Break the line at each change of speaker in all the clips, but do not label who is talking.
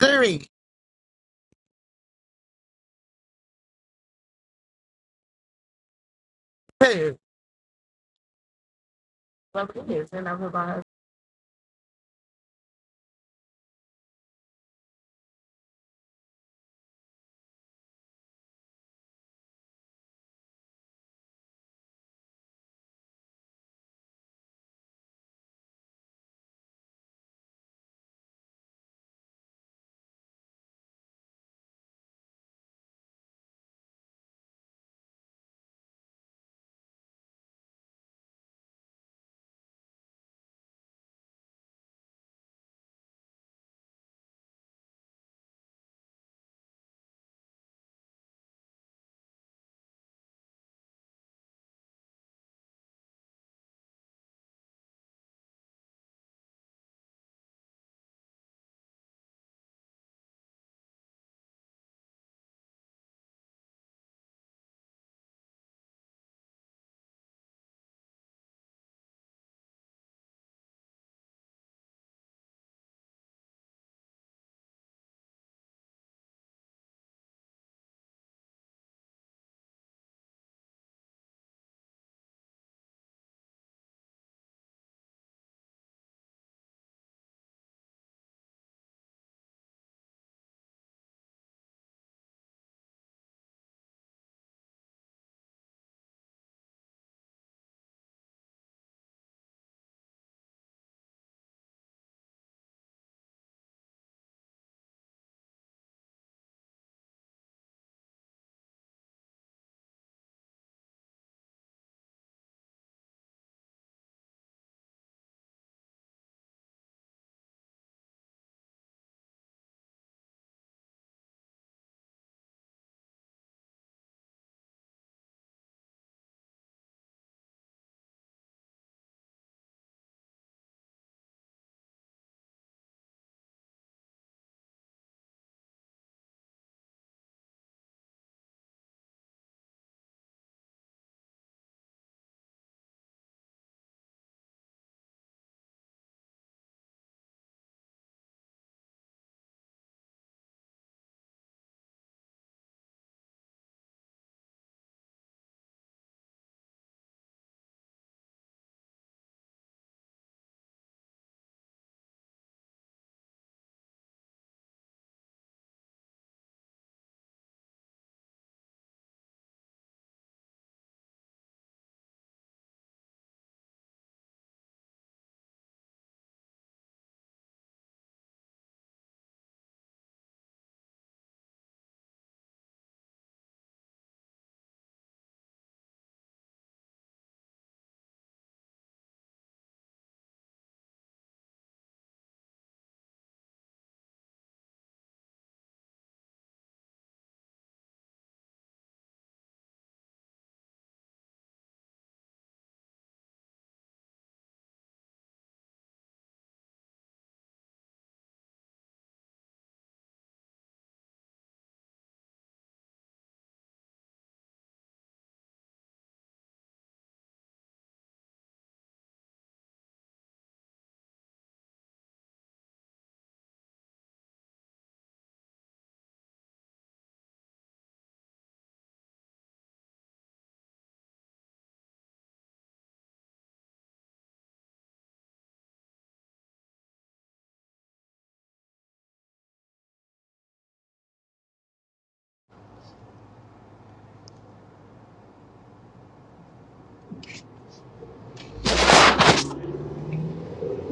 Three, two. Well, it is. Then I put my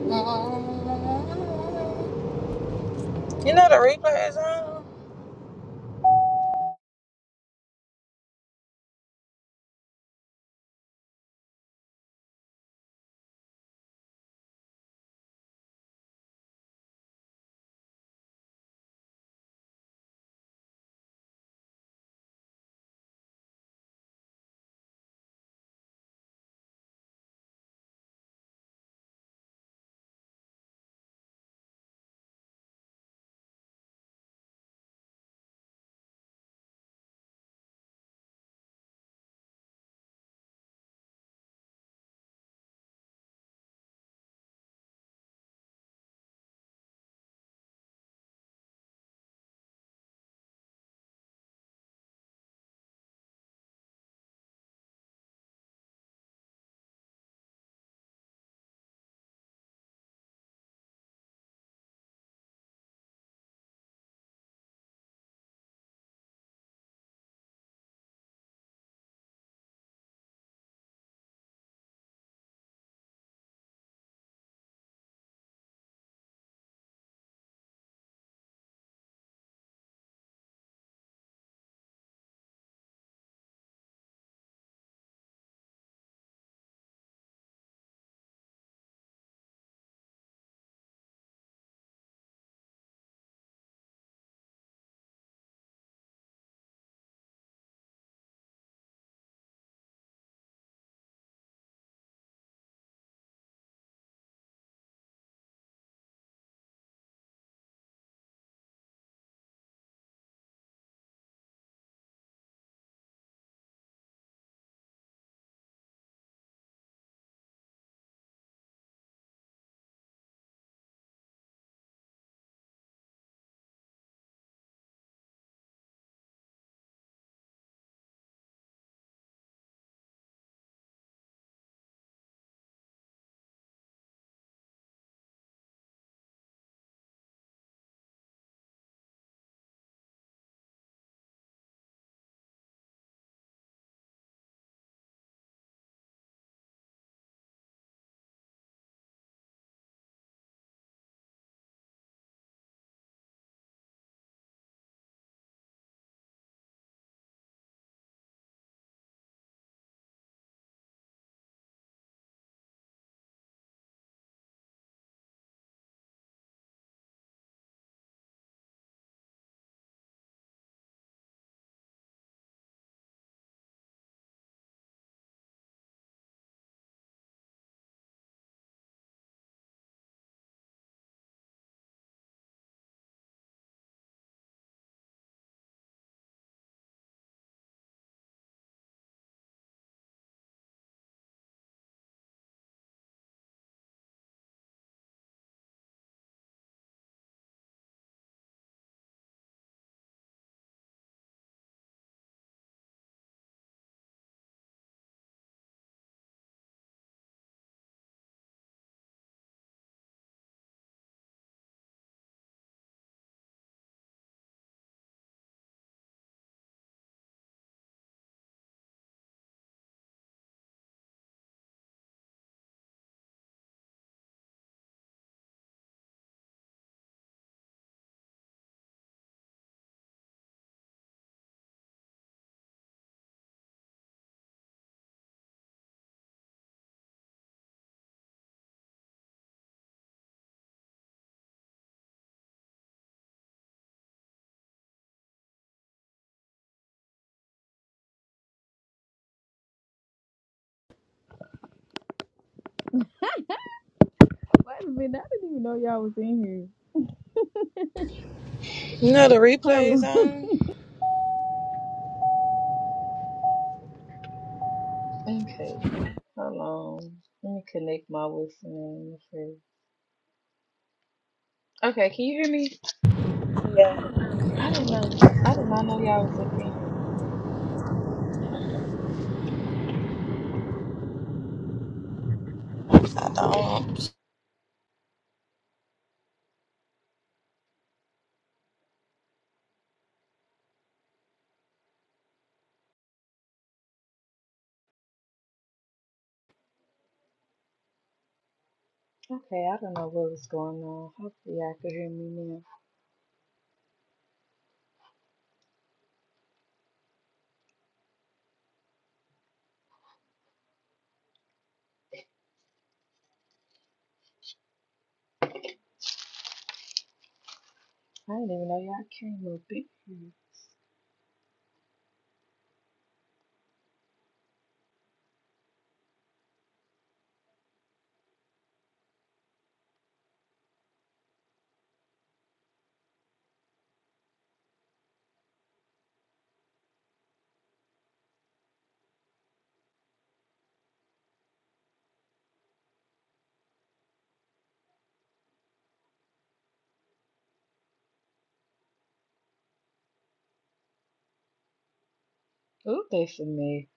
You know the replay is on.
Wait a minute, I didn't even know y'all was in here.
You know the replay
Hold
is
on.
on.
Okay. Hold on. Let me connect my what's the name Okay, can you hear me?
Yeah,
I didn't know. I did not know y'all was up in here. Hold on.
I don't.
Okay, I don't know what was going on. Hopefully y'all could hear me now. I didn't even know y'all came up in here. Ooh, they for me.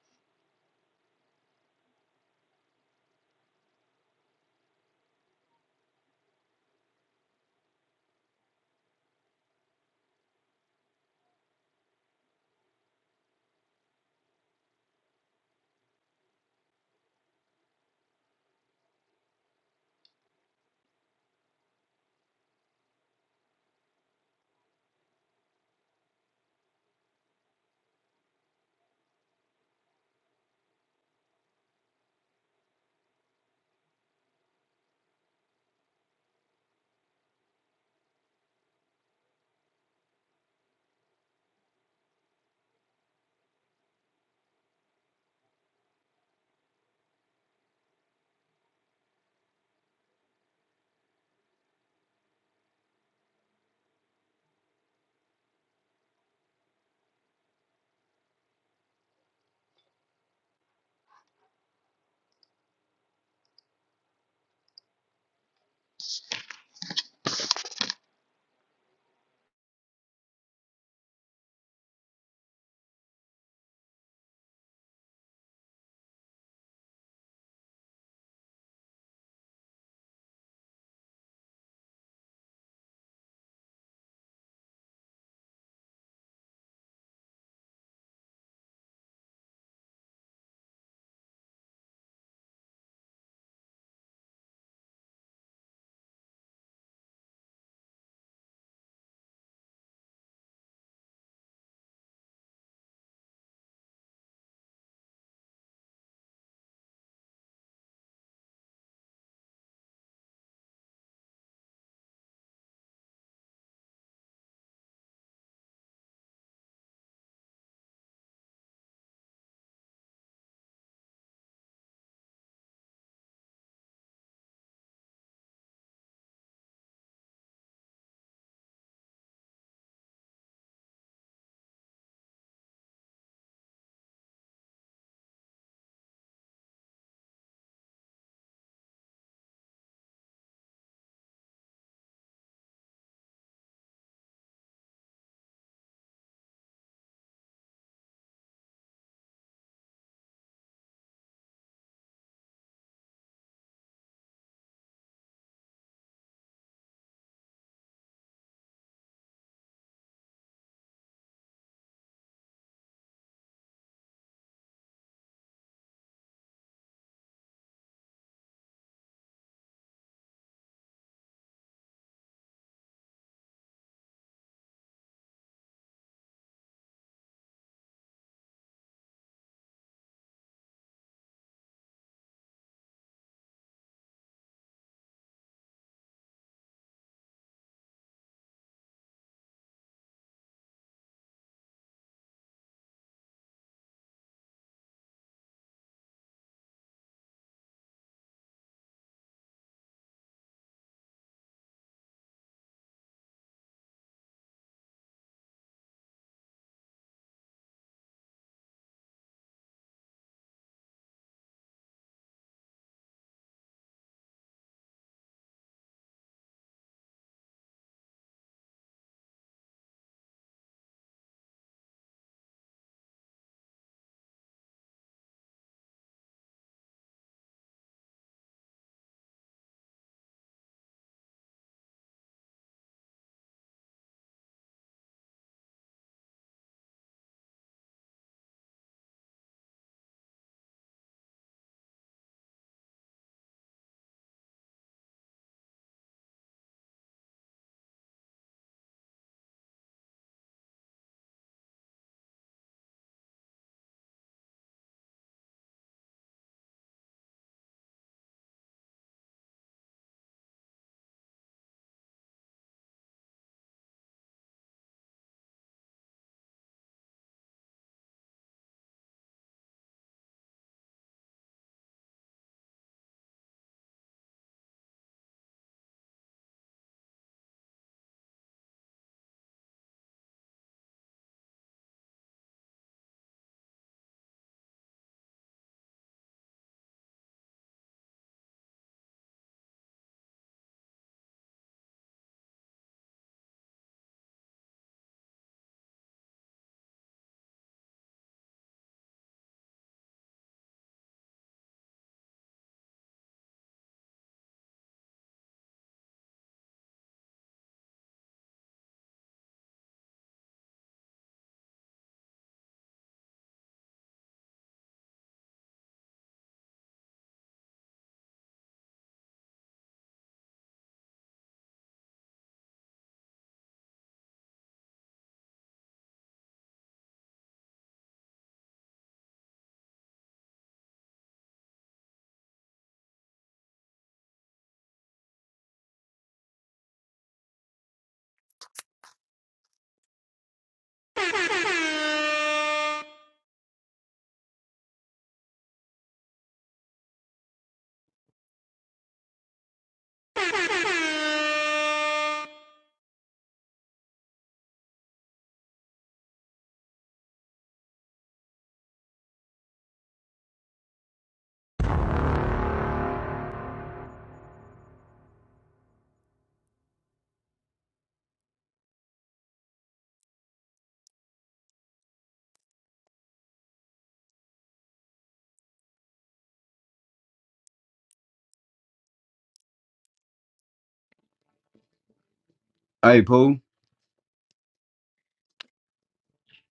Hey, Pooh.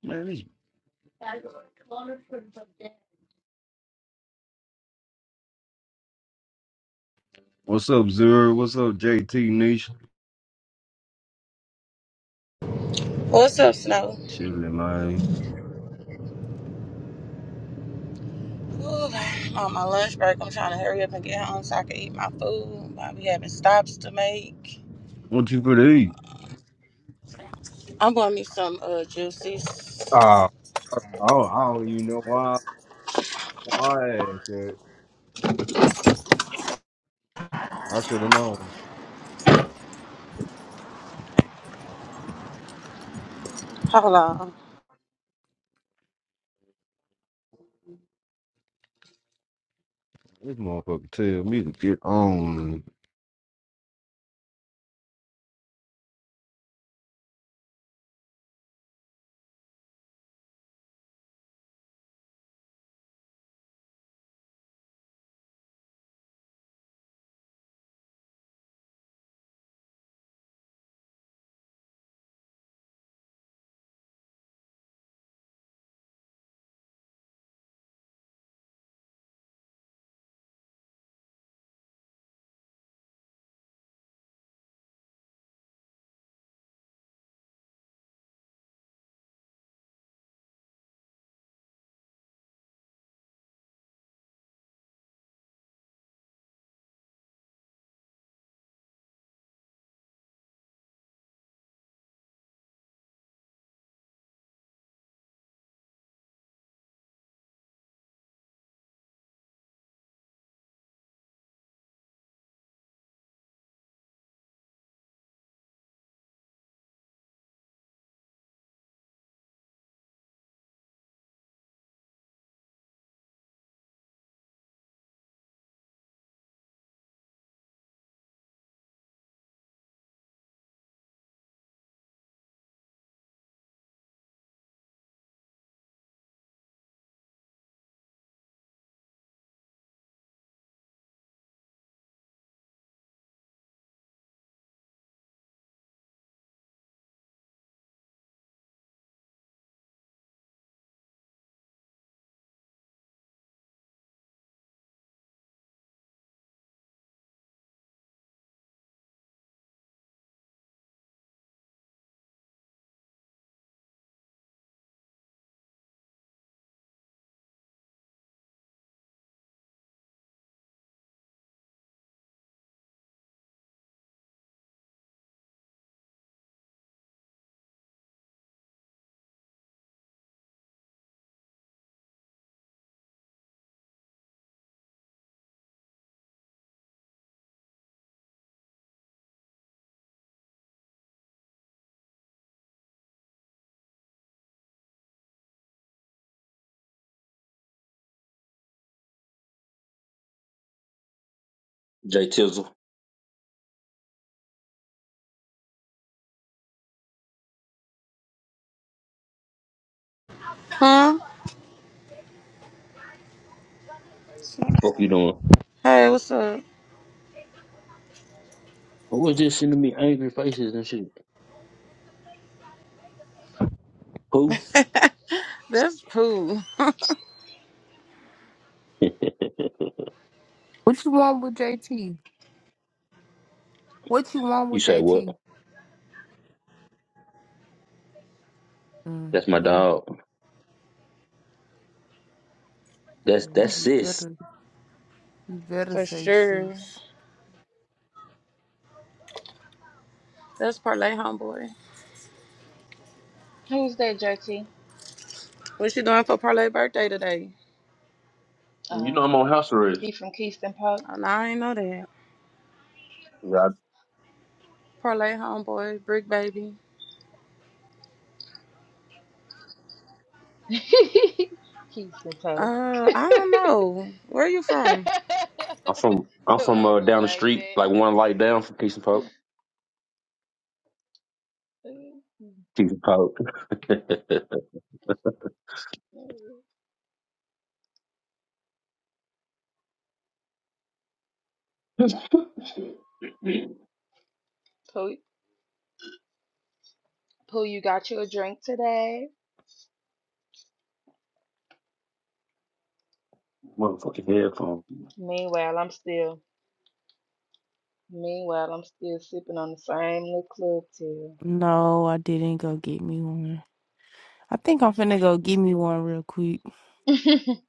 Man, this- what's up, Zero? What's up, JT Niche?
What's up, Snow?
Chilling, man.
Ooh, on my lunch break, I'm trying to hurry up and get home so I can eat my food. I be having stops to make.
What you for to eat?
I'm going to me some uh juices.
Uh, oh, I don't even know why. Why I asked that. I should have known.
Hold on.
This motherfucker tell me to get on.
Jay Tizzle,
Huh?
what you doing?
Hey, what's up?
Who was just sending me angry faces and shit? Who?
That's cool
What you want with JT? What you want
you
with
say
JT?
what? That's my
Mm-hmm.
dog. That's that's
You
sis.
better, you better
for
say
sure.
sis.
That's Parlay homeboy.
Who's that, JT?
What you doing for Parlay birthday today?
You know
Um,
I'm on house arrest.
he from Keystone Pope.
Oh, no, I ain't know that.
Yeah,
Parlay homeboy, brick baby.
Keystone Pope.
Uh, I don't know. Where you from?
I- I'm from I'm
so
from
I
uh,
went
down the
like
street,
that.
like one light down from Keystone Pope.
Pooh,
Keystone Pope.
Pooh, you got you a drink today?
Motherfucking headphone.
Meanwhile, I'm still, meanwhile, I'm still sipping on the same little club
No, I didn't go get me one. I think I'm finna go get me one real quick.
too.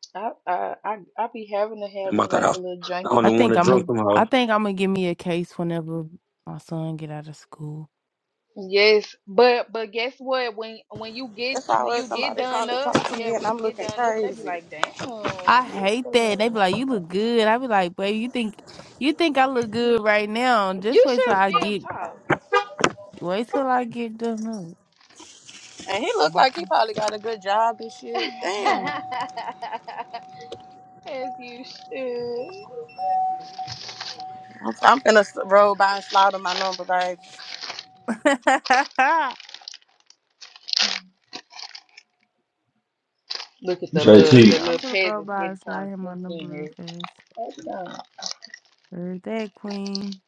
I, I, I, I be having to have
I'm
me
out the
like a
house.
little
I
junkie
don't
I
even
drink.
want
think
to
I'm a,
drunk somehow.
I think I'm gonna give me a case whenever my son get out of school.
Yes, but but guess what? When when you get
That's
when
always
you get
somebody
done
trying to
up,
talk to
yeah,
me, and
when you
I'm
get
looking
done up, they be
crazy.
like, damn,
I hate
yeah,
that. They be like, "You look good." I be like, "Babe, you think you think I look good right now? Just
you
wait till
should
I get
still
wait till I get done up."
And he looked like
Mm-hmm.
he probably got a good job and
talk,
shit. Damn. I'm,
as you should.
I'm finna s- roll by and slaughter my number, baby.
Look at the little
She
the
said,
JT,
I'm
little
for the
peasant
robot and
sitting
slide
trying to
him
sneak
on the
in
blue
here.
face.
That's um,
Birthday queen.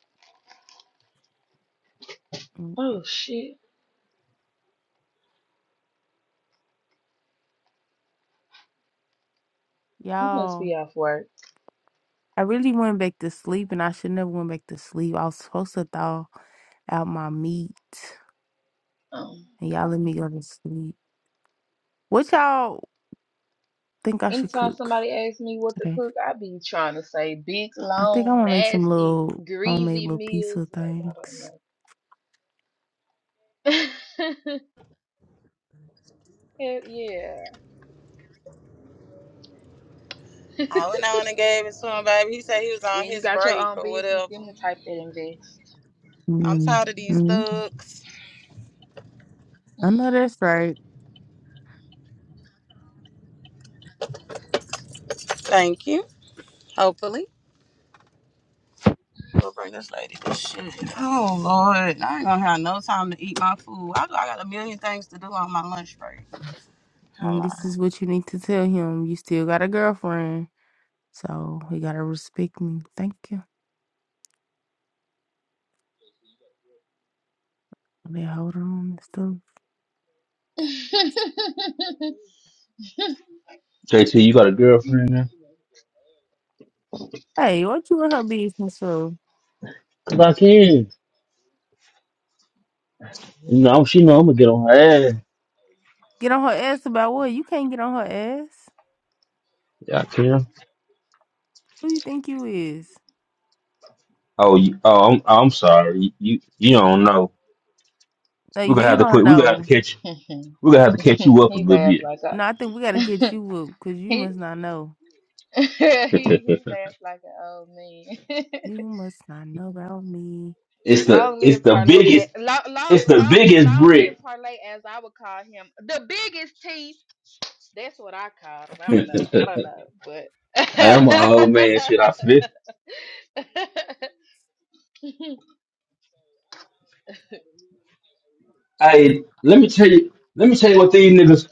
Mm,
oh shit. You must
Y'all,
be off work.
I really went back to sleep and I should never went back to sleep. I was supposed to thaw out my meat
Um
and y'all let me go to sleep. What y'all think I should
anytime
cook
somebody asks me what to
today?
cook, I be trying to say big,
I think I'm
long,
gonna make some
nasty,
little homemade
greasy
little
meals.
pizza
Maybe
things.
I don't know. Hell yeah.
I went on and gave it to him, baby. He said he was on
And you
his
got your
break
own
or
business,
whatever.
them the type that invest.
I'm
mm
tired of these
mm
thugs.
I know that's right.
Thank you. Hopefully. We'll bring this lady this shit. Oh, Lord. I ain't gonna have no time to eat my food. I, I got a million things to do on my lunch break.
And
Hold on.
this is what you need to tell him. You still got a girlfriend. So he gotta respect me. Thank you. They hold on and stuff.
JT, you got a girlfriend now?
Hey, what you in her business for?
Cause I can. You know, I'm- she know I'm gonna get on her ass.
Get on her ass about what? You can't get on her ass.
Yeah, I can.
Who you think you is?
Oh, you, oh, I'm, I'm sorry. You, you don't know.
Like
We're gonna
you
have to
don't
put. We're gonna have
know.
to catch. We're gonna have to catch you up a
he
little
laughed
bit.
like
No, I think we gotta get
I
you up because you
he
must not know.
he he laughed like an old man.
You must not know about me.
it's the
long
it's
live
the
parlay,
biggest
a- long long
it's the
long
biggest
long live
brick.
parlay, as I would call him, the biggest teeth. That's what I call him. I don't know. I don't
I
know, but.
am an old man. Shit, I forget. Hey, let me tell you. Let me tell you what these niggas.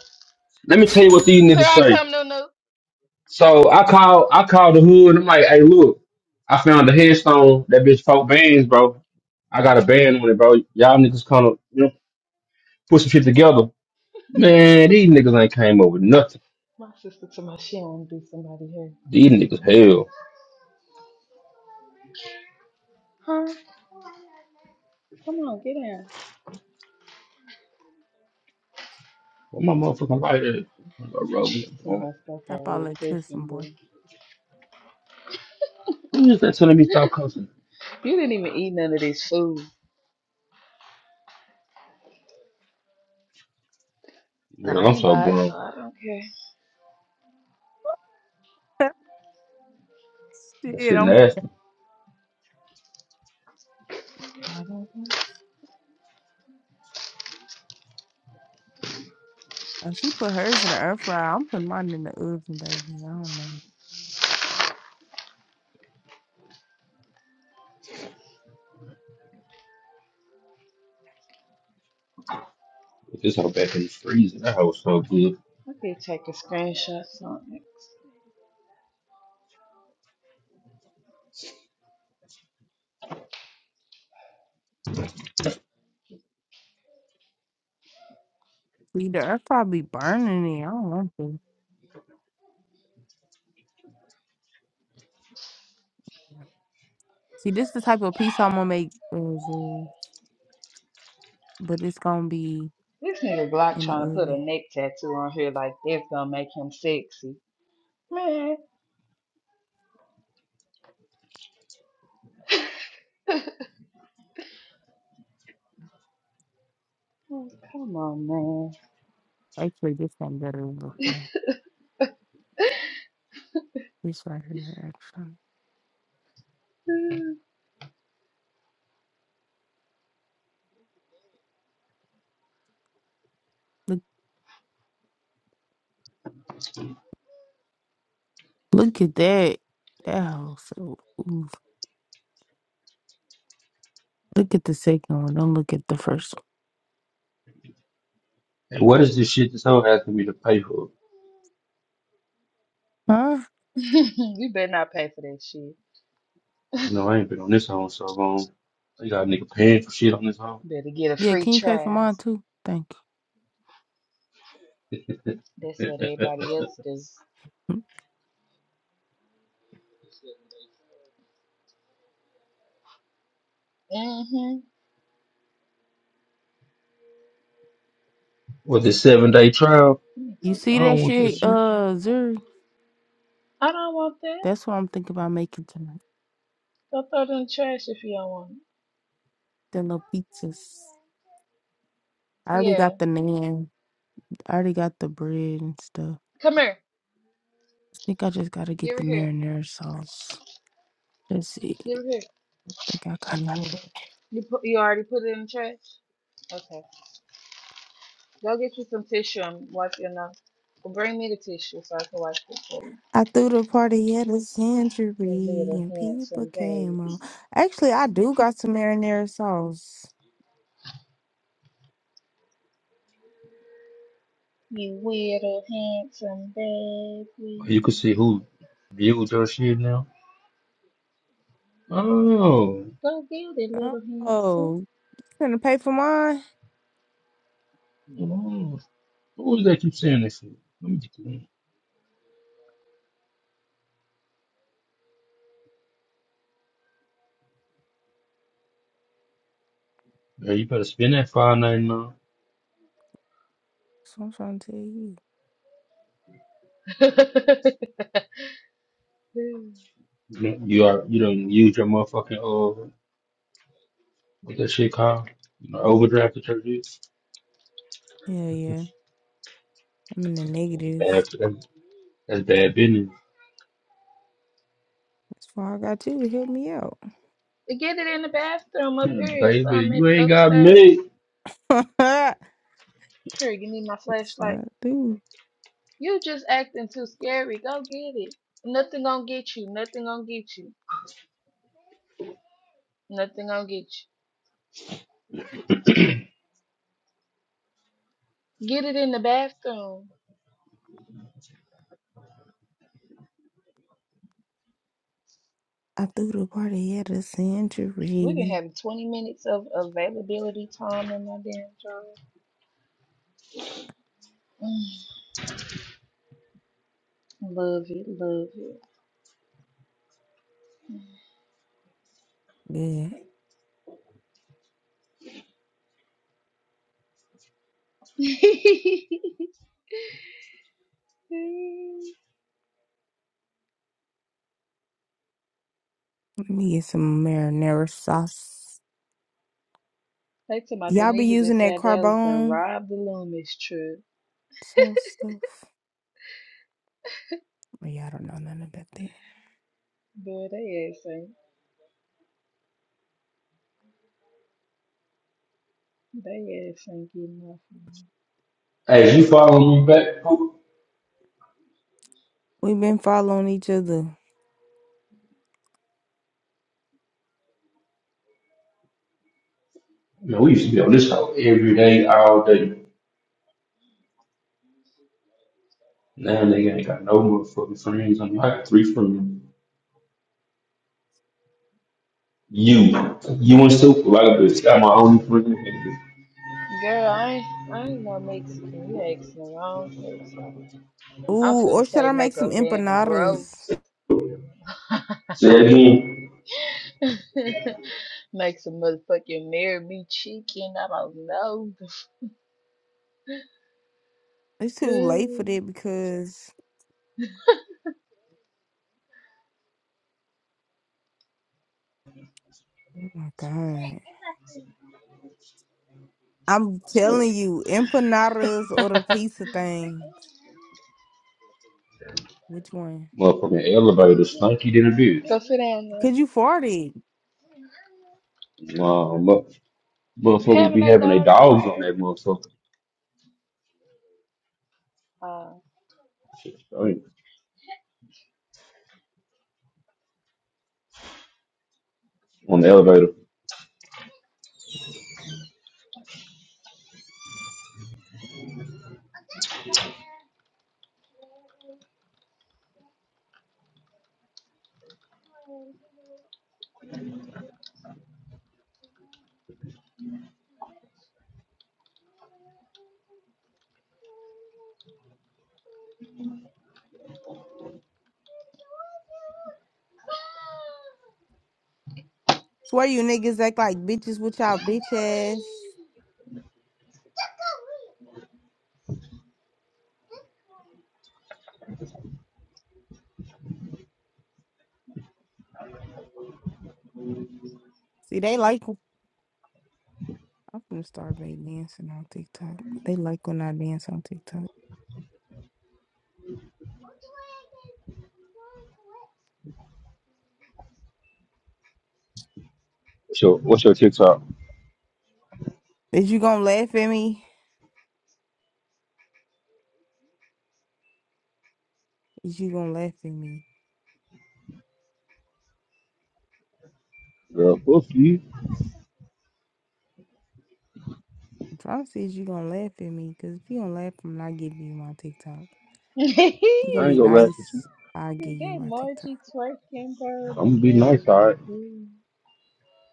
Let me tell you what these
Here
niggas
I
say.
come, Nunu.
So I call I call the hood. I'm like, hey, look, I found the headstone. That bitch folk bands, bro. I got a band on it, bro. Y'all niggas kind of you know put some shit together. Man, these niggas ain't came up with nothing.
My sister to my she don't do somebody here.
These niggas hell.
Huh? Come on, get down.
Well, my motherfucking lighter gonna roll me up.
Some of my
blunt.
stuff all
Stop all
little
that cussing,
Christian,
boy.
but
Who is that telling me stop cussing?
you didn't even eat none of this food. Nah,
Girl,
I
I'm
ain't
so
buy it, so
grown.
I don't care.
That
Shit,
shit
I'm.
nasty.
Oh, she put hers in the air fryer. I'm putting mine in the oven, baby. I don't know.
Put this hoe back in the freezer. That hoe so good.
Okay, take a screenshot on
See, the air fryer be burning it. I don't want to. See, this the type of pizza I'm gonna make, Izzy, but it's gonna be
This nigga Glock
in the
trying to put a
oven.
neck tattoo on here like it's gonna make him sexy. Man, oh, come on,
Actually, this one better looking. This right here, actually.
man.
Look, look at that. That house. So, oof. Look at the second one. Don't look at the first
Hey, what is this shit this hoe asking me to pay for?
one. Huh?
you better not pay for that shit.
You know, I ain't been on this hoe in so long. They got a nigga paying for shit on this hoe.
Better get a
Yeah,
free
can you pay for
trial.
mine too? Thank
That's what everybody else does.
you. Mm.
Mm-hmm.
With this seven day trial,
You see
I
that
don't want that
shit,
shit.
uh, Zuri?
I don't want that.
That's what I'm thinking about making tonight.
Go throw it in the trash if you don't want it.
The little pizzas. I already
Yeah.
got the naan. I already got the bread and stuff.
Come here.
I think I just gotta get
Give
the
it here.
marinara sauce. Let's see.
Give it
I
here.
think I got none of that.
You put, you already put it in the trash? Okay. Go get you some tissue and wipe your nose. Well, bring me the tissue so I can wipe it for you.
I threw the party at a
You
century
little
and people
handsome
came on.
baby.
Actually, I do got some marinara sauce.
You little handsome baby.
You can see who viewed your shit now. Oh,
Go get it, little
Oh, you gonna pay for mine?
oh. who is that keep saying that shit? Let me get you. in. Girl, you better spend that five ninety nine.
That's what I'm trying to tell you.
handsome.
You are you don't use your motherfucking uh what that shit called? You know, overdraft the church is.
Yeah, yeah.
That's
I'm in the
bad
negatives.
that's, that's bad business.
That's why I got you to help me out.
get it in the bathroom up
Yeah,
here. It's
Baby,
some
you ain't got
upstairs.
me.
yes,
Sure, you need my flashlight.
I do.
You just acting too scary. Go get it. Nothing gonna get you. Nothing gonna get you. Nothing gonna get you. Get it in the bathroom.
I threw the party at a
We can
century.
have 20 minutes of availability time in my damn job. Mm, Love it, love it.
Good. Let me get some marinara sauce.
they talking about the
Y'all be
niggas and in
using that
South Dallas done
carbone
robbed the Loomis truck.
sauce stuff. But y'all don't know nothing about that.
But they ass ain't, they ass ain't getting nothing.
Hey, if you following me back? Pooh?
We've been following each other.
Man, we used to be on this hoe every day, all day. Now nigga ain't got no motherfucking friends. I'm like three friends. You, you and Super, like a bitch. Got my only friend. nigga.
Girl, I ain't, I ain't no Mexican. You asking the wrong person. I'm
Ooh,
finna
or should
say
I make
make
some
a damn
empanadas?
roast.
Say it again.
make some motherfucking marry me chicken. I don't
It's too late for
know.
that because oh my god. I'm telling you, empanadas
Ha ha
or the
ha.
pizza things. Which one?
Motherfucking elevator, stinky than a bitch.
Go sit down now.
Cause you farted.
Mama. Motherfuckers be
Having eight
having their
dogs
dogs on
where?
that motherfucker.
Uh,
Shit, I ain't- on the elevator.
Swear you niggas act like bitches with y'all bitch ass. See, they like. I'm gonna start back dancing on TikTok. They like when I dance on TikTok.
What's your, what's your TikTok?
Is you gonna laugh at me? Is you gonna laugh at me?
Girl, fuck you.
Drop says you gonna laugh at me, cause if you don't laugh, I'm not giving you my TikTok.
is
You gonna
I
be
ain't gonna laugh at you.
nice, I give you
that
my TikTok.
Margie twerking, bro?
I'm
Look
gonna be
at
nice, alright?
him.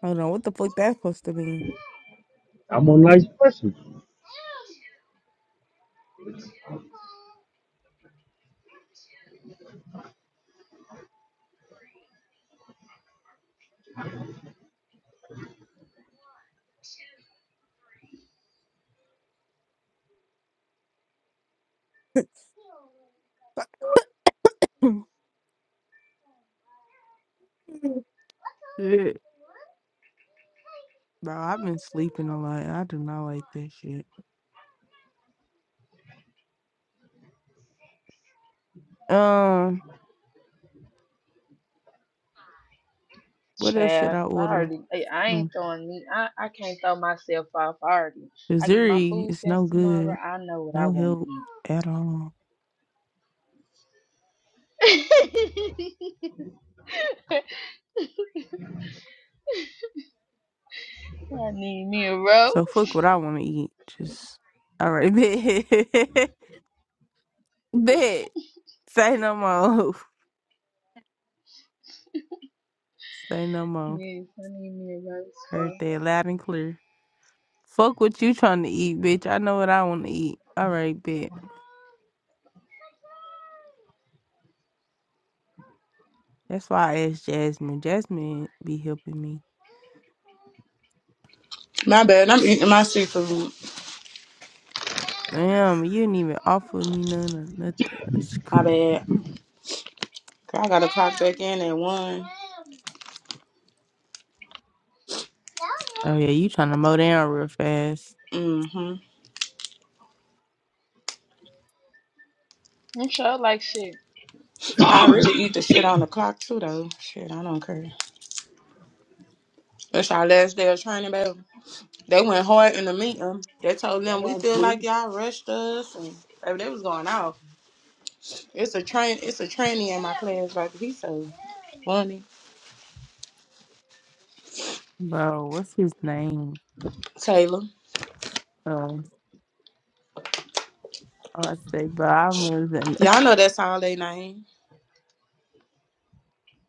Hold on, what the fuck that's supposed to mean?
I'm a nice person.
shit. Bro, I've been sleeping a lot. I do not like that shit. Um, what else should
Child,
I
'cause I
order?
already, I I ain't
Mm.
throwing me. I, I can't throw myself off already. I get my
Missouri
food
is
stamps
no
tomorrow.
good,
I know what I
no
want to
help at all.
eat. I need me a roast.
So fuck what I want to eat. Just all right, bet, bet. Say no more. Say no more.
Yes, I need me a roast,
Heard
bro.
that loud and clear. Fuck what you trying to eat, bitch. I know what I want to eat. All right, bet. That's why I asked Jasmine. Jasmine be helping me.
My bad. I'm eating my seafood.
Damn, you didn't even offer me none or nothing. That's
My
crazy.
bad. Okay, I got to clock back in at one.
Oh yeah, you trying to mow down real fast,
Mm-hmm.
I'm sure like shit.
I really eat the shit on the clock too, though. Shit, I don't care. It's our last day of training, baby. They went hard in the meeting. They told them
Shout
we
out
feel
to Luis
like y'all rushed us, and baby, they was going off. It's a train. It's a trainee in my class, baby. He so funny.
bro? What's his name?
Taylor.
Um, I say, bro, I was in
Y'all know that's all they name.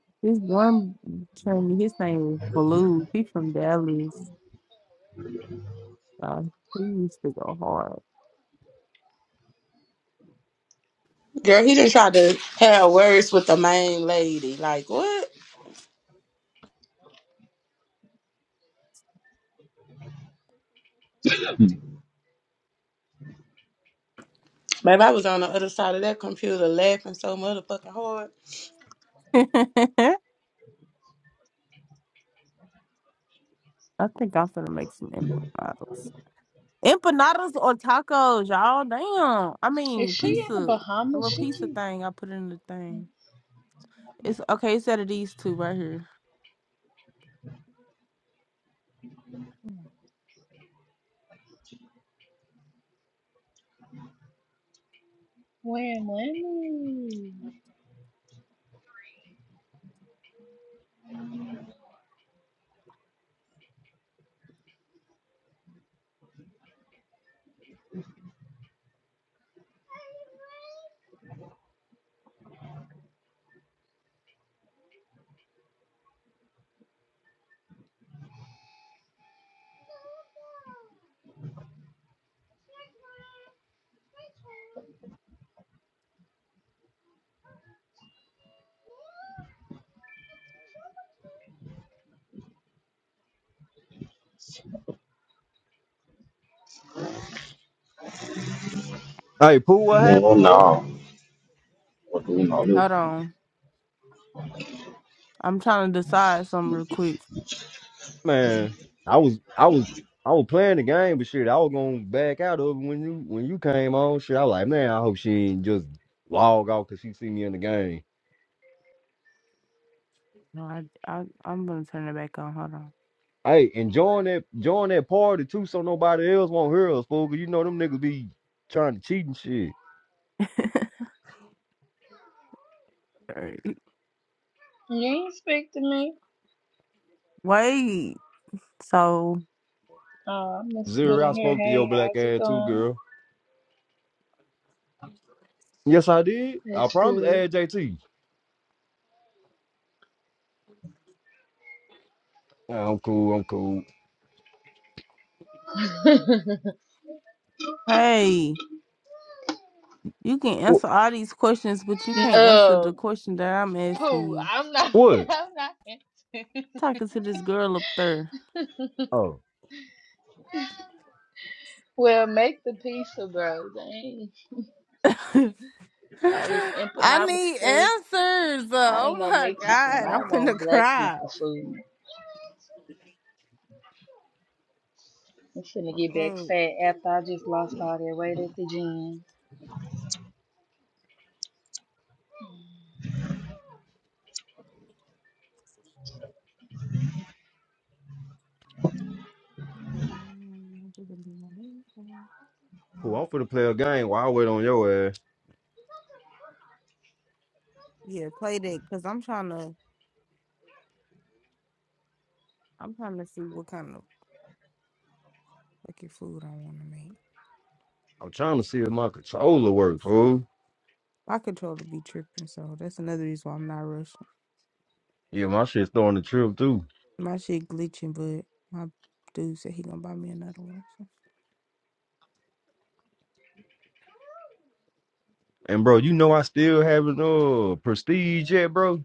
this one. Trainee, his name is Blue. He's from Dallas. Uh, he used to go
Girl, he just tried to have words with the main lady. Like what? Maybe I was on the other side of that computer laughing so motherfucking hard.
hard. I think I'm gonna make some empanadas. Empanadas on tacos, y'all. Damn. I
Is
mean
she in the
pizza. The
Bahamas?
little
She
pizza
keep.
thing I put in the thing. It's okay, it's out of these two right here.
When, when?
Hey, Pooh, what happened,
Man,
Pooh?
no. Fuck all
Hold on. I'm trying to decide something real quick.
Man, I was, I was, I was playing the game, but shit, I was gonna back out of it when you, when you came on. Shit, I was like, man, I hope she ain't just log off because she see me in the game.
No, I, I I'm gonna turn it back on. Hold on.
Hey, and join that join that party too, so nobody else won't hear us, fool. 'cause you know them niggas be trying to cheat and shit.
Alright.
You ain't speak to me.
Wait. So
Oh, Mr. Good
Zero, I
in here.
spoke to your
Hey,
black
how's it
ass too,
going?
girl. Yes, I did. I
That's
promise,
good.
add JT. Nah, I'm cool. I'm cool.
hey, you can
What?
answer all these questions, but you can't answer the
um,
question that I'm asking
poo,
you.
I'm not,
What?
I'm not. into-
Talking to this girl up there.
Oh,
well, make the pizza, bro. Dang. All this
I
empanada
need
stuff.
answers.
I
Oh
ain't no
my
Mexican.
god, I'm
I
finna
want black
cry.
people food. I'm finna get back
Oh.
fat after I just lost all that weight at the gym.
fool, I'm finna play a game while I wait on your ass.
Yeah, play that because I'm trying to. I'm trying to see what kind of fucking food I want to make.
I'm trying to see if my controller works, fool.
My controller be tripping, so that's another reason why I'm not rushing.
Yeah, my shit's starting to trip too.
My shit glitching, but my dude said he gonna buy me another one. so.
And bro, you know I still haven't uh prestige yet, bro.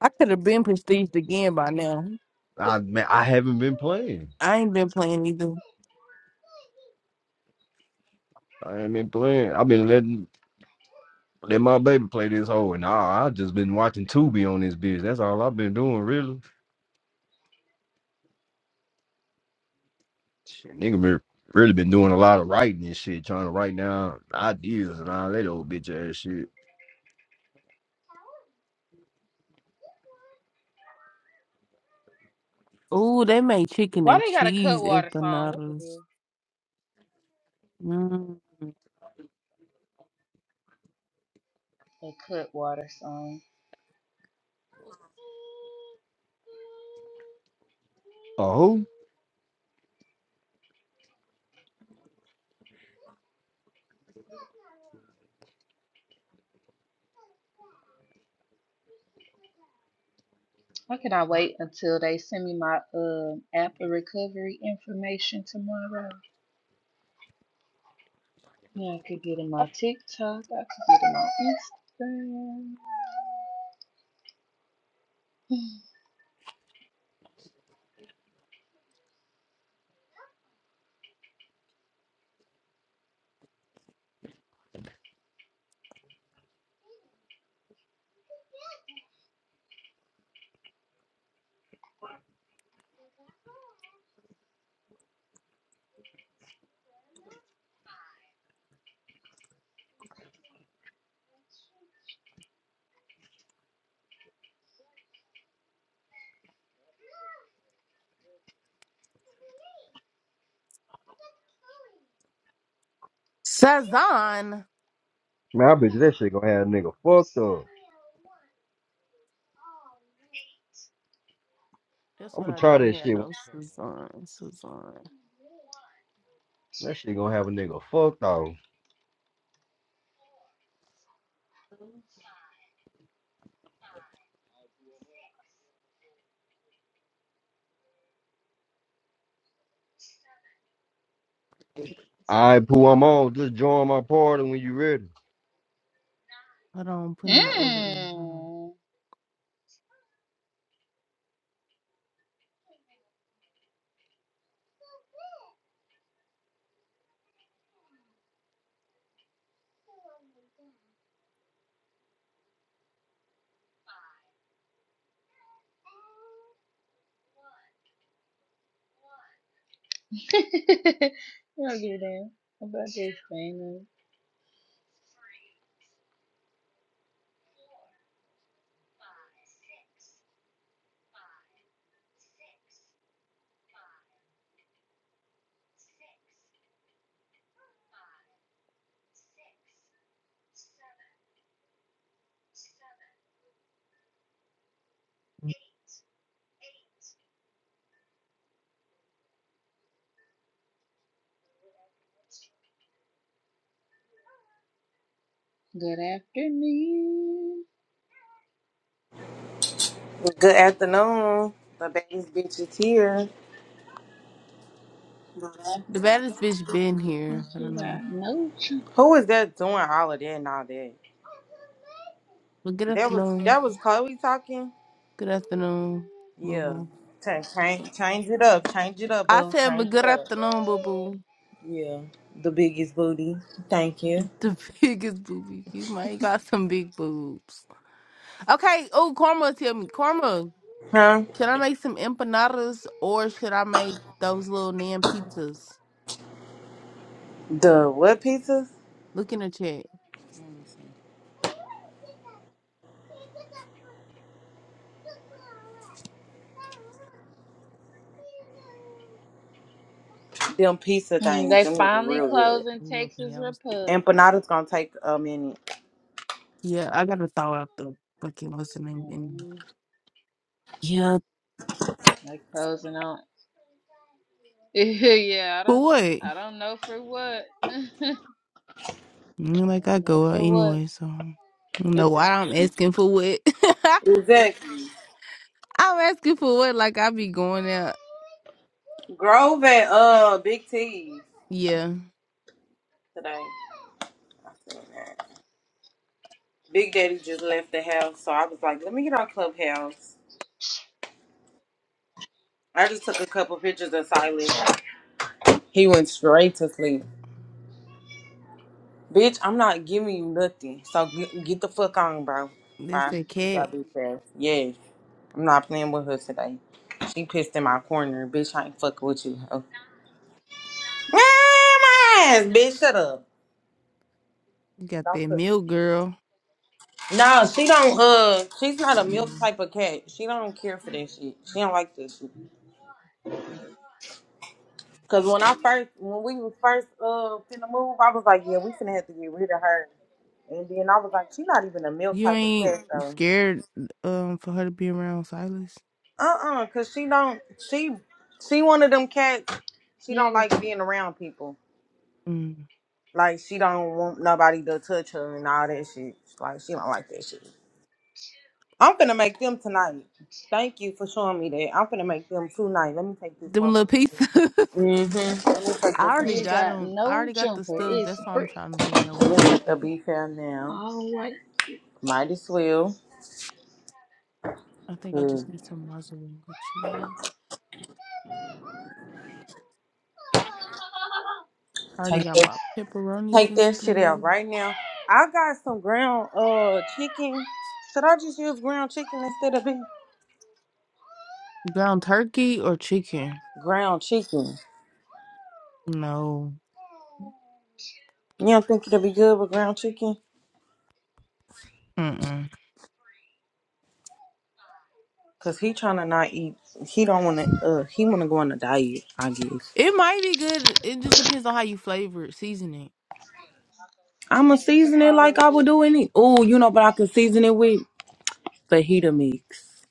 I could have been prestiged again by now. But
I man, I haven't been playing.
I ain't been playing either.
I ain't been playing. I've been letting. Let my baby play this whole, and nah, I just been watching Tubi on this bitch. That's all I've been doing, really. Shit, nigga, been, really been doing a lot of writing and shit, trying to write down ideas and all that old bitch ass shit.
Ooh, they made chicken
Why
and
they got a
cheese
Cutwater song? What the
empanadas.
hell?
Mm.
A Cutwater song.
Oh, who?
Why can I wait until they send me my um app of recovery information tomorrow? Yeah, I could get in my TikTok. I could get in
Sazan.
man, I bet you that shit gonna have a nigga fucked up.
That's
I'm
what
gonna
I
try
don't
that
hear.
shit one
No
time.
Sazan. Sazan.
That shit gonna have a nigga fucked up. All right, Pooh, I'm on. Just join my party when you ready.
Hold on, I'm
my
putting my order
Instagram.
in. Hold on.
Mmm. I'll get in about this thing. Good afternoon.
Good afternoon. The baby's bitch is here.
The baddest bitch been
And
here. I
she
don't
got
know.
no ch-
Who is that doing all of that and all that?
But good
That was
afternoon.
that was Chloe talking.
Good afternoon, boo
Yeah.
boo.
Change, change, change it up. Change it up,
I
boo.
said, but
Change it
good
up.
afternoon, boo boo.
Yeah. The biggest booty. Thank you.
The biggest boobie. You might got some big boobs. Okay. Oh, Karma, tell me. Karma.
Huh?
Should I make some empanadas or should I make those little nan pizzas?
The what pizzas?
Look in the chat.
Them pizza
Mm,
things.
They
Them look
finally
real good.
closing
Ooh, okay,
Texas
I was thinking that.
Republic.
Empanada's gonna take a minute.
Yeah, I gotta throw out the fucking what's the name anyway.
Mm,
Yeah,
they closing on. yeah, I
for
don't.
what? I
I don't know for what.
mean,
I
Like I
don't know
go out
for what.
anyway, so I don't know why I'm asking for what.
Exactly.
I'm asking for what? Like I be going out.
Grove at uh Big T
Yeah,
today. I seen that. Big Daddy just left the house, so I was like, let me get on Clubhouse. I just took a couple pictures of Silas. He went straight to sleep. Bitch, I'm not giving you nothing. So get, get the fuck on, bro.
that's
Bye.
that
Keep
cat.
that bitch ass. Yes. I'm not playing with her today. She pissed in my corner. Bitch, I ain't fucking with you. Oh. My ass, bitch, shut up.
You got
Don't
that
put
milk girl.
No, she don't uh she's not a milk type of cat. She don't care for this shit. She don't like this shit. Cause when I first, when we was first uh finna move, I was like, yeah, we finna have to get rid of her. And then I was like, she not even a milk
You
type of
ain't
cat though.
scared um for her to be around Silas.
Uh uh cause she don't, she, she one of them cats. She don't
You
like being around people.
Mm.
Like she don't want nobody to touch her and all that shit. Like she don't like that shit. I'm finna make them tonight. Thank you for showing me that. I'm finna make them tonight. Let me take this
Them little
motherfucker.
pieces.
Mm-hmm. Let me take
I
this
already
you
nigga.
got
got
them. I
no
already got the
jumper.
stuff.
It's
That's why I'm
brick.
trying to figure out
Let me
which one.
take the beef out now.
All right.
Might as well.
I think I
Good.
just need some muzzle with you. I already
Take
got
that,
my pepperonis
take
and
that shit out
stuff.
right now. I got some ground uh chicken. Should I just use ground chicken instead of beef?
Ground turkey or chicken?
Ground chicken.
No.
You don't think it'll be good with ground chicken?
Mm-mm.
Cause he trying to not eat. He don't want to. Uh, he want to go on a diet. I guess.
It might be good. It just depends on how you flavor it, season it.
I'ma
Thank you for
season it like
calling.
I would do any. Oh, you know, but I could season it with fajita mix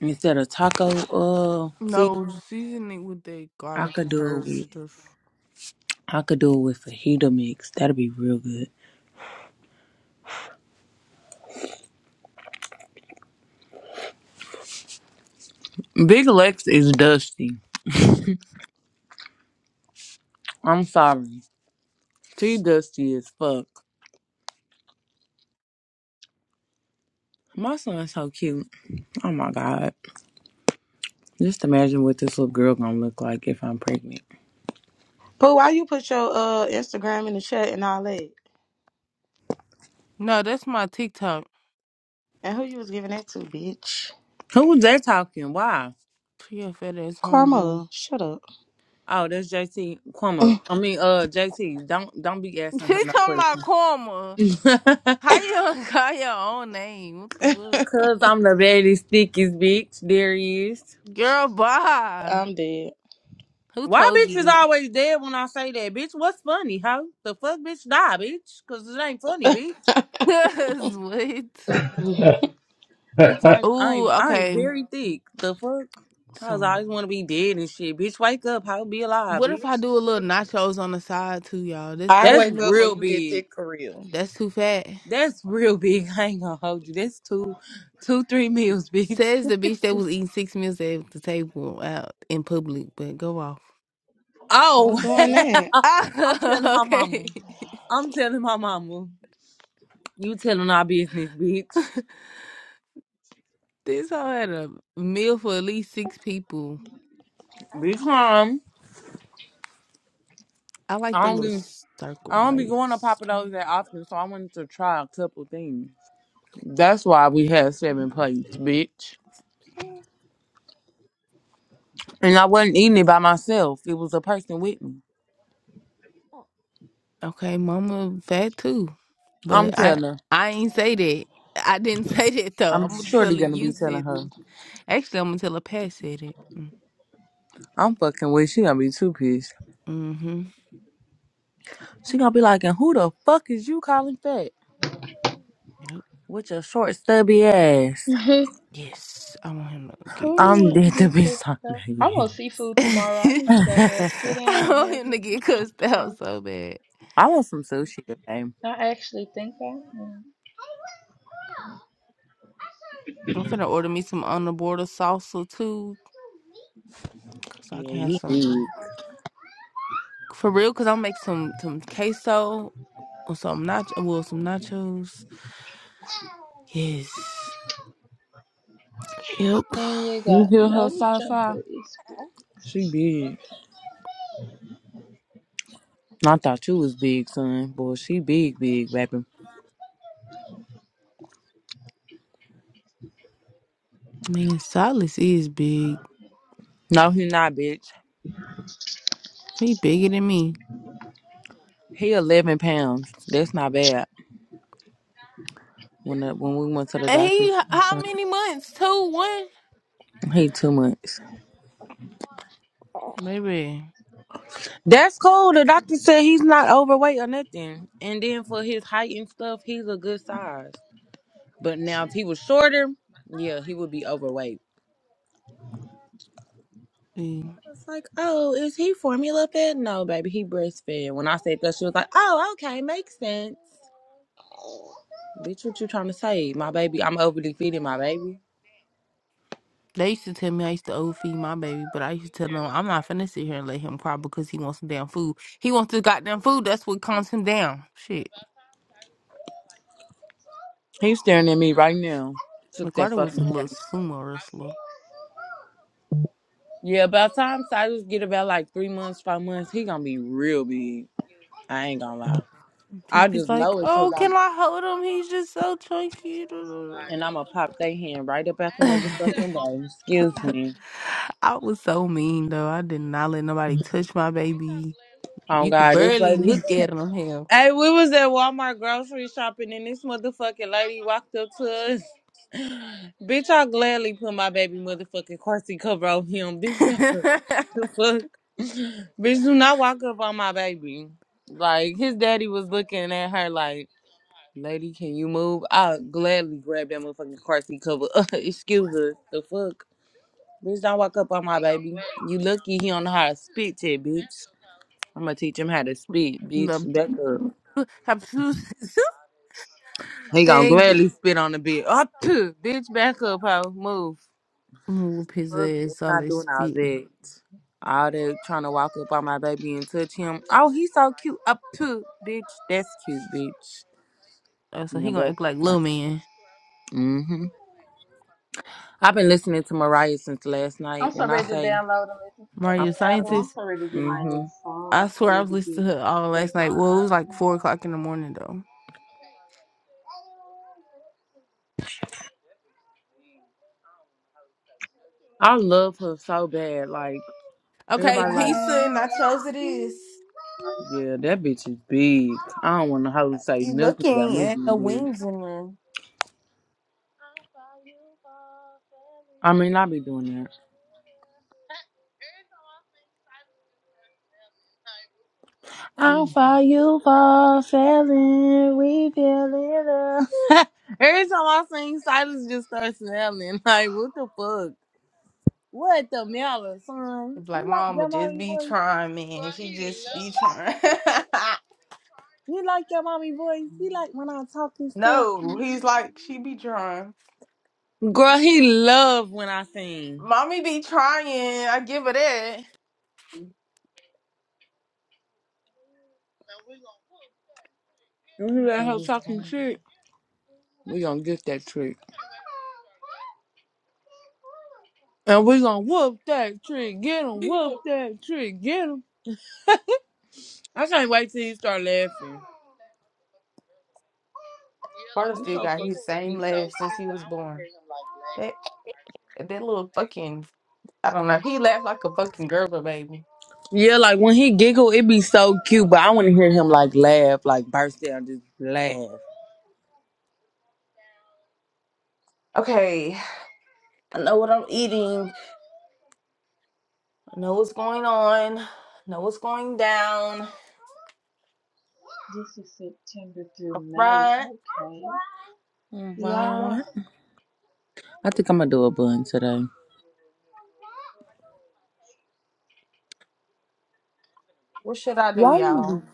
instead of taco. Uh,
No,
season.
season it with the
I
garlic
could
and
do it
herb
with.
stuff.
I could do it with fajita mix. That'd be real good. Big Lex is dusty. I'm sorry. She dusty as fuck. My son's so cute. Oh my god. Just imagine what this little girl gonna look like if I'm pregnant.
Pooh, why you put your uh Instagram in the chat and all that?
No, that's my TikTok.
And who you was giving that to, bitch?
Who was that talking? Why?
She a fat ass homeboy.
Karma, shut up.
Oh, that's JT Kwama. I mean, uh, JT. Don't don't be asking her
She
no
talking about
questions.
karma. How you gonna call your own name? What the
Cause
fuck?
I'm the very stickiest bitch. There is.
Girl, bye.
I'm dead.
Who
Why
told
bitch is
you
always dead when I say that? Bitch, what's funny, huh? The fuck bitch die, bitch. Cause it ain't funny, bitch.
that?
this.
Bitch, I,
what? Ooh,
I'm I'm
okay.
very thick. The fuck? I was
Some.
always want to be dead and shit. Bitch, wake up. How be alive,
What if I
bitch?
do a little nachos on the side too, y'all? That's
I
doing
That's
too
wake up
much.
when
real
you get
big.
thick for real.
That's too fat.
That's real big. I ain't gonna hold you. That's two, two, three meals, bitch.
Says the bitch that was eating six meals at the table out in public, but go off.
Who
Oh,
doing that?
I'm telling
Ah,
my mama.
okay.
I'm telling my mama. You telling our business, bitch.
this hoe had a meal for at least six people.
Be calm.
I like the
I don't
little
be.
circle
I don't be going to
bites.
Papa Do's that often, so I wanted to try a couple things. That's why we had seven plates, bitch. And I wasn't eating it by myself. It was a person with me.
Okay, mama fat too.
I'm
But I
telling her.
I ain't say that. I didn't say that though.
I'm
I'm gonna tell
surely
her
gonna
you
be telling
said
her.
th- actually I'm gonna tell her Pat said it. Mm,
I'm fucking with. She gonna be too pissed.
Mm-hmm.
She gonna be like, and who the fuck is you calling fat?
Yep.
With your short stubby ass.
Yes. I want him to get
Who
cussed
I'm
wants
out.
to
dead to
get
be
cussed
talking
out?
about
I
you.
want seafood tomorrow. I
I
need to go have sit down and
want
have
him to
me
get
some
cussed out
seafood.
so bad.
I want some sushi today.
I actually think I am.
I'm finna order me some on the border salsa too. Cause
Yeah,
I can have
you
some
big.
for real, cause I'll make some some queso or some nacho well some nachos. Yes. Yep.
And you
You
got
hear her
no
sigh sigh?
jumper. It's brick.
She big. I thought you was big, son. Boy, she big, big, baby.
Man, Silas is big.
No, he not, bitch.
He bigger than me.
He 11 pounds. That's not bad. When I, when we went to the
And
doctor,
He
she
h-
was
how
like,
many months? Two, one?
he two months.
Maybe.
That's cool. The doctor said he's not overweight or nothing. And then for his height and stuff, he's a good size. But now if he was shorter, yeah, he would be overweight.
See,
I was like, oh, is he formula fed? No, baby, he breastfed. When I said that, she was like, oh, okay, makes sense. Bitch, what you trying to say? My baby, I'm overly feeding my baby.
They used to tell me I used to overfeed my baby, but I used to tell them I'm not finna sit here and let him cry because he wants some damn food. He wants the goddamn food. That's what calms him down. Shit.
He's staring at me right now. Took that
Ricardo was a
fucking
little sumo wrestler.
Yeah, by the time Cyrus get about like three months, five months, he gonna be real big. I ain't gonna lie.
He
I
was
just
like,
know it cause
"Oh, can
I'm
I hold him? He's just so chunky."
and I'ma pop they hand right up at the motherfucking
I
way. Excuse me.
was so mean though. I did not let nobody touch my baby.
Oh
You could
God, this
barely
lady.
look at them. Hell,
hey, we was at Walmart grocery shopping and this motherfucking lady walked up to us. Bitch, I gladly put my baby motherfucking car seat cover on him. Bitch, back up. The fuck? Bitch, do not walk up on my baby. Like his daddy was looking at her like. Lady, can you move? I'll gladly grab that motherfucking car seat cover. Excuse us. The fuck? Bitch, don't walk up on my baby. You lucky he don't know how to spit yet, bitch. I'm gonna teach him how to spit, bitch.
the
Back up.
have shoes.
He gonna
Bang.
gladly spit on the bed. Up, bitch, back up, hoe. Move.
I'm whoop his
Fuck, I'm
ass all
not
they
doing all
spitting.
that. All that trying to walk up on my baby and touch him. Oh, he's so cute. Up, too, bitch. That's cute, bitch.
Oh, so
Now
he gonna
back
act
up.
like
Uh,
little man.
Mm-hmm. I've been listening to Mariah since last night.
I'm so
When I
ready to
say
download and listen to the
Mario
I'm
new
the
album. I'm
Scientist.
so ready to get my
hmm
new phone.
I
I'm so
swear I
ready
was
to get
listening to her all
back
last
in
night.
my
Well, it was like four
iPhone.
o'clock in the morning though.
I love her so bad. Like
This
Okay,
everybody like,
pizza and nachos it is.
yeah, that bitch is big. I don't want to hoe say
You
nothing about
looking
me
at the
being big.
wings in there.
I mean, I be doing that. I'll
Mm.
fight you for failing, we feel it. Every time I sing, Silas just starts smiling. Like, what the fuck? What the matter, son?
It's like
You like
mama
your
just
mommy
be
voice?
trying, man. She just be trying.
You like your mommy voice? You like when I talk and stuff?
no, he's like she be trying.
Girl, he love when I sing.
Mommy be trying. I give her that.
If you let her talking shit, we gonna get that trick. And we gonna whoop that trick. Get him, whoop that trick. Get him. I can't wait till he start laughing.
Carter
He's
still
so
got
fucking
his same
cute.
laugh since he was born. That that little fucking I don't know. He laughed like a fucking girl baby.
Yeah, like when he giggle, it be so cute, but I want to hear him like laugh, like burst out, just laugh.
Okay, I know what I'm eating. I know what's going on. I know what's going down.
is September
Up
through May.
front.
Okay. Y'all,
Alright. I think I'm gonna do a bun today.
What should I do,
Why you be,
y'all?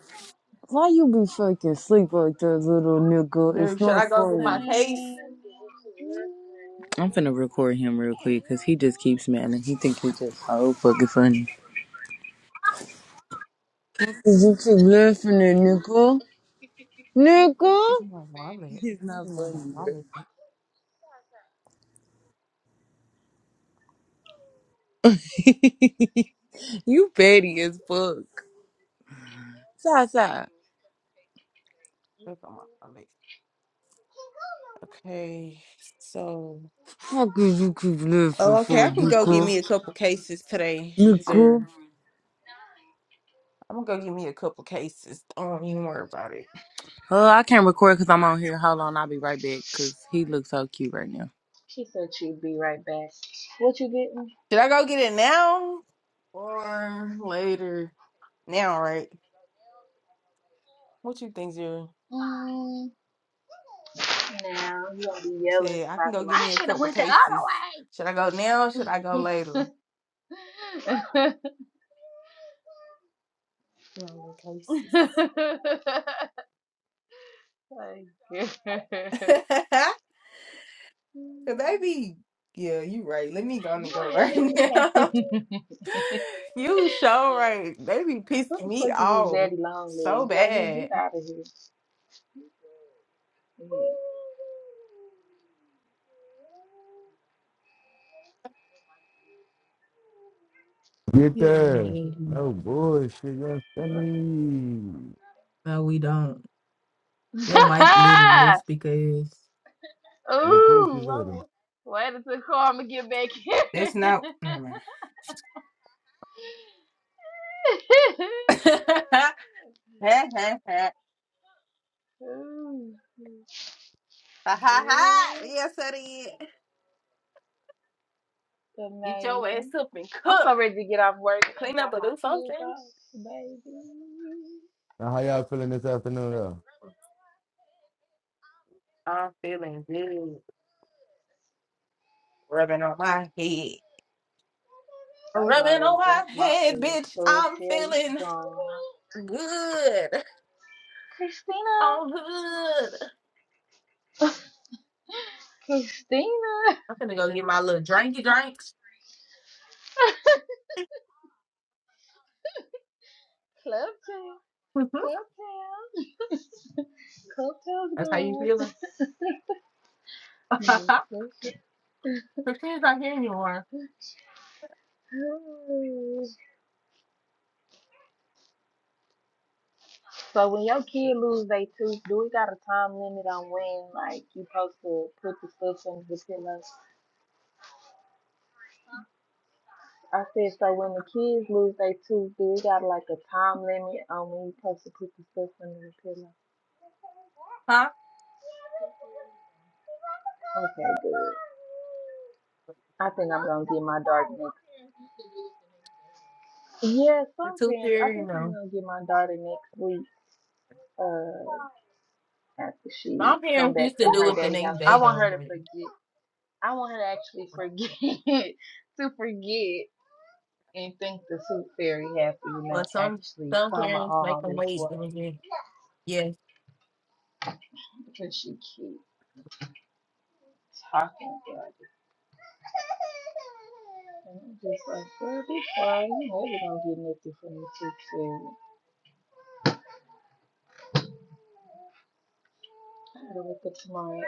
why you be fucking sleep like that little nigga?
Do-
It's
Should
not
I go get my
funny.
case?
I'm finna record him real quick because he just keeps man and he think he's just so fucking funny. 'Cause you keep laughing at Nicole.
Where the- fuck is
Nicole?
my wallet?
He's
I don't
not
even know where my
funny, bro.
wallet. is.
you petty as fuck. Sasa.
Where's my wallet? Okay, so
Fuck is you keep laughing
oh, okay,
for,
I can go get
Nicole?
me a couple cases today. Zer.
Nicole?
I'm gonna go get me a couple cases. Don't even worry about it.
Uh, I can't record because I'm on here. Hold on, I'll be right back because he looks so cute right now.
She said she'd be right back. What you getting?
Should I go get it now or later? Now, right? What you think, Zer?
Mm, now you gonna be yelling
Shit, I can go give me a couple cases. Should I go now or should I go
about
later?
somebody.
You're on cases.
What
Cause they be yeah, you right. Let me go and go right now. you sure right. They be pissing
the
me
fuck is this
off
daddy long
so
leg? JD,
bad.
get out of here. Mm.
Get
Yeah, they
there.
do.
No bullshit. You understand me?
no, we don't. Your mic little little speaker is.
Your pussy
Ooh,
little.
I'm- wait until Karma get back here.
That's not. Never mind. Ha ha ha
Ooh,
ha ha ha.
boy,
yes, it is. Get your
amazing.
ass up and
I'm
cook.
so ready to get off work and
Clean up
drop
or
my
do
kids
something.
off, baby.
Now, how y'all feeling this afternoon, though?
I'm feeling good. Rubbing on my head.
I don't know, I
Rubbing
already
on my
drank my uh,
head, bitch.
club
I'm
till it's
feeling
gone.
good.
Christina,
I'm good.
Christina,
I'm finna go get my little drinky drinks.
club tail,
hmm
club tail. Coco's
That's how you
gone.
feeling? Christine's not here anymore.
Mm-hmm. so when your kid lose their tooth, do we got a time limit on when like you supposed to put the stuff in the pillow? I said so when the kids lose their tooth, do we got like a time limit on when you supposed to put the stuff in the pillow?
Huh?
Okay, good. I think I'm gonna get my daughter next. Yeah,
The
some
tooth
parents. I
fairy, you
think I'm
know.
gonna get my daughter next week. Uh, after she
My
come
parents
back
used to
from
do
her
it the
daddy
next
house, I
day
want
though,
her to
but,
forget. I want her to actually forget to forget and think the tooth fairy have to, you know,
but some
actually
some
come
parents make
all
them
this
wait
way
a little bit. Yes.
because she keeps talking about it. And I'm just like, girl, be quiet. You know you don't get nothing from the tooth fairy. I gotta wake up tomorrow. and-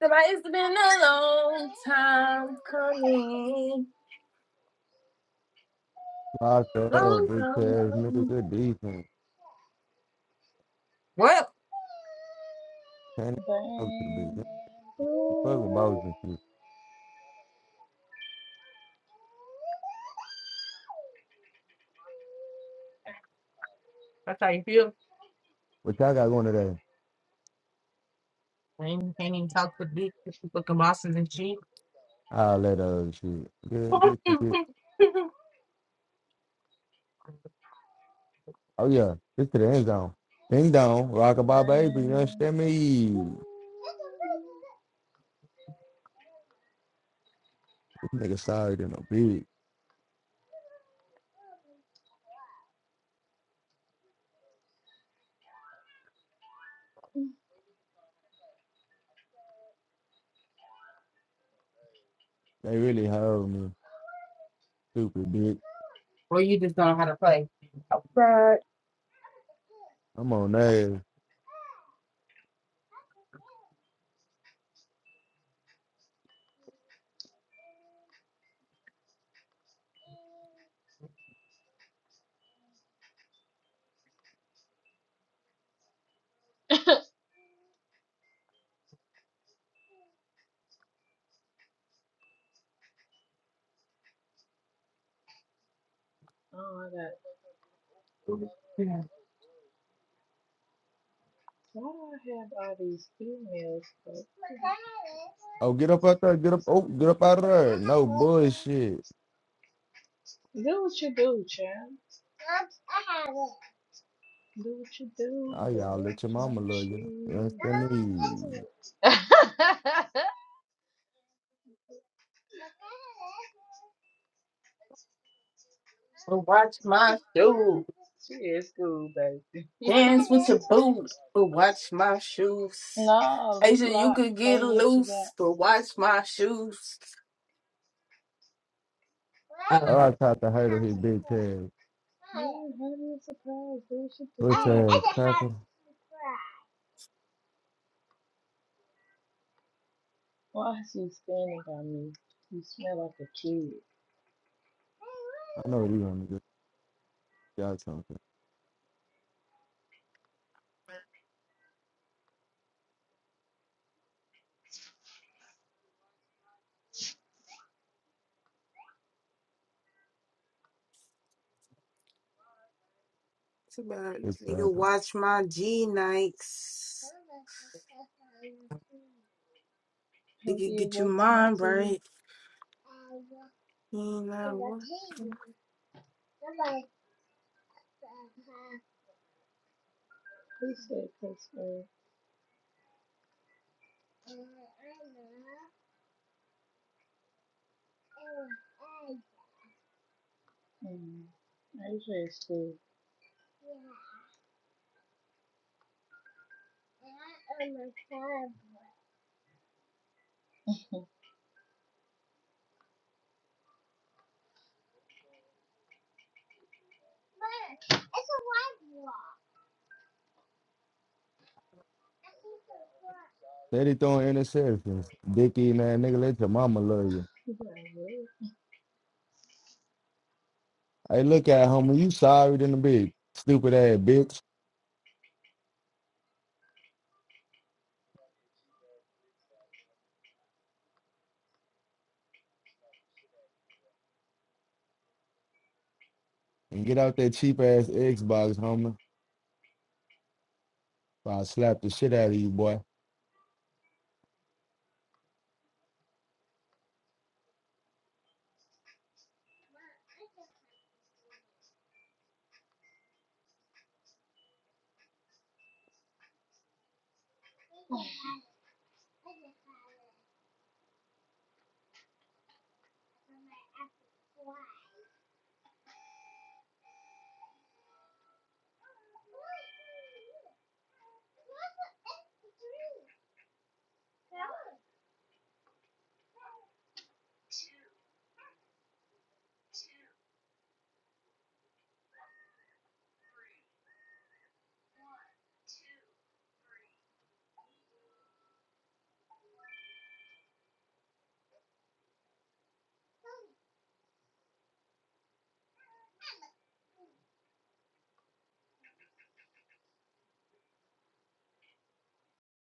But It's been a long time coming.
Lock up, big players, nigga, good defense.
Well,
Can't out to the bitch. Fuck with balls
blue.
and shit.
that's how you feel.
What y'all got going today?
And you can't even talk to the big fucking bosses and shit.
I'll let uh shit. Get, get some shit. Oh, yeah. This to the end zone. Ding dong. Rock about baby. You
Burning.
understand me? This nigga sorry than a bitch. They really hold me. Stupid bitch.
or you just don't know how to play. Right.
I'm on that.
Oh, I got.
Yeah.
Why do I have all these emails? But
Oh, get up out there. Get up. Oh, get up out of there. No bullshit.
do what you do, child. Do what you do.
Oh,
Go
y'all let your
watch my
mama love you. You
shoes.
understand me?
Well, watch my shoes.
she is cool, baby.
Dance with your booty, but watch my shoes.
no, this
Asia, you
locked.
could
Play
get
with what you
loose,
got.
but watch my shoes.
Oh,
Um,
I tried to hurdle his big ass.
Yeah, honey, it's a surprise. Do what you do.
What's ass cracker?
Why is she standing by me? You smell like a kid.
I know what you want to get y'all something.
Too bad.
It's
Nigga,
cracker.
watch my G Nikes.
Who
Nigga,
did
get your
what to my
mind
TV?
right. You know what?
He said, because uh, um, I AJ said,
Steady throwing interceptions. Dicky and that nigga, let your mama love you.
people are real.
Hey, look at it, homie. You sorry than a bitch. Stupid ass bitch. And get out that cheap ass Xbox, homie. Or I'll slap the shit out of you, boy.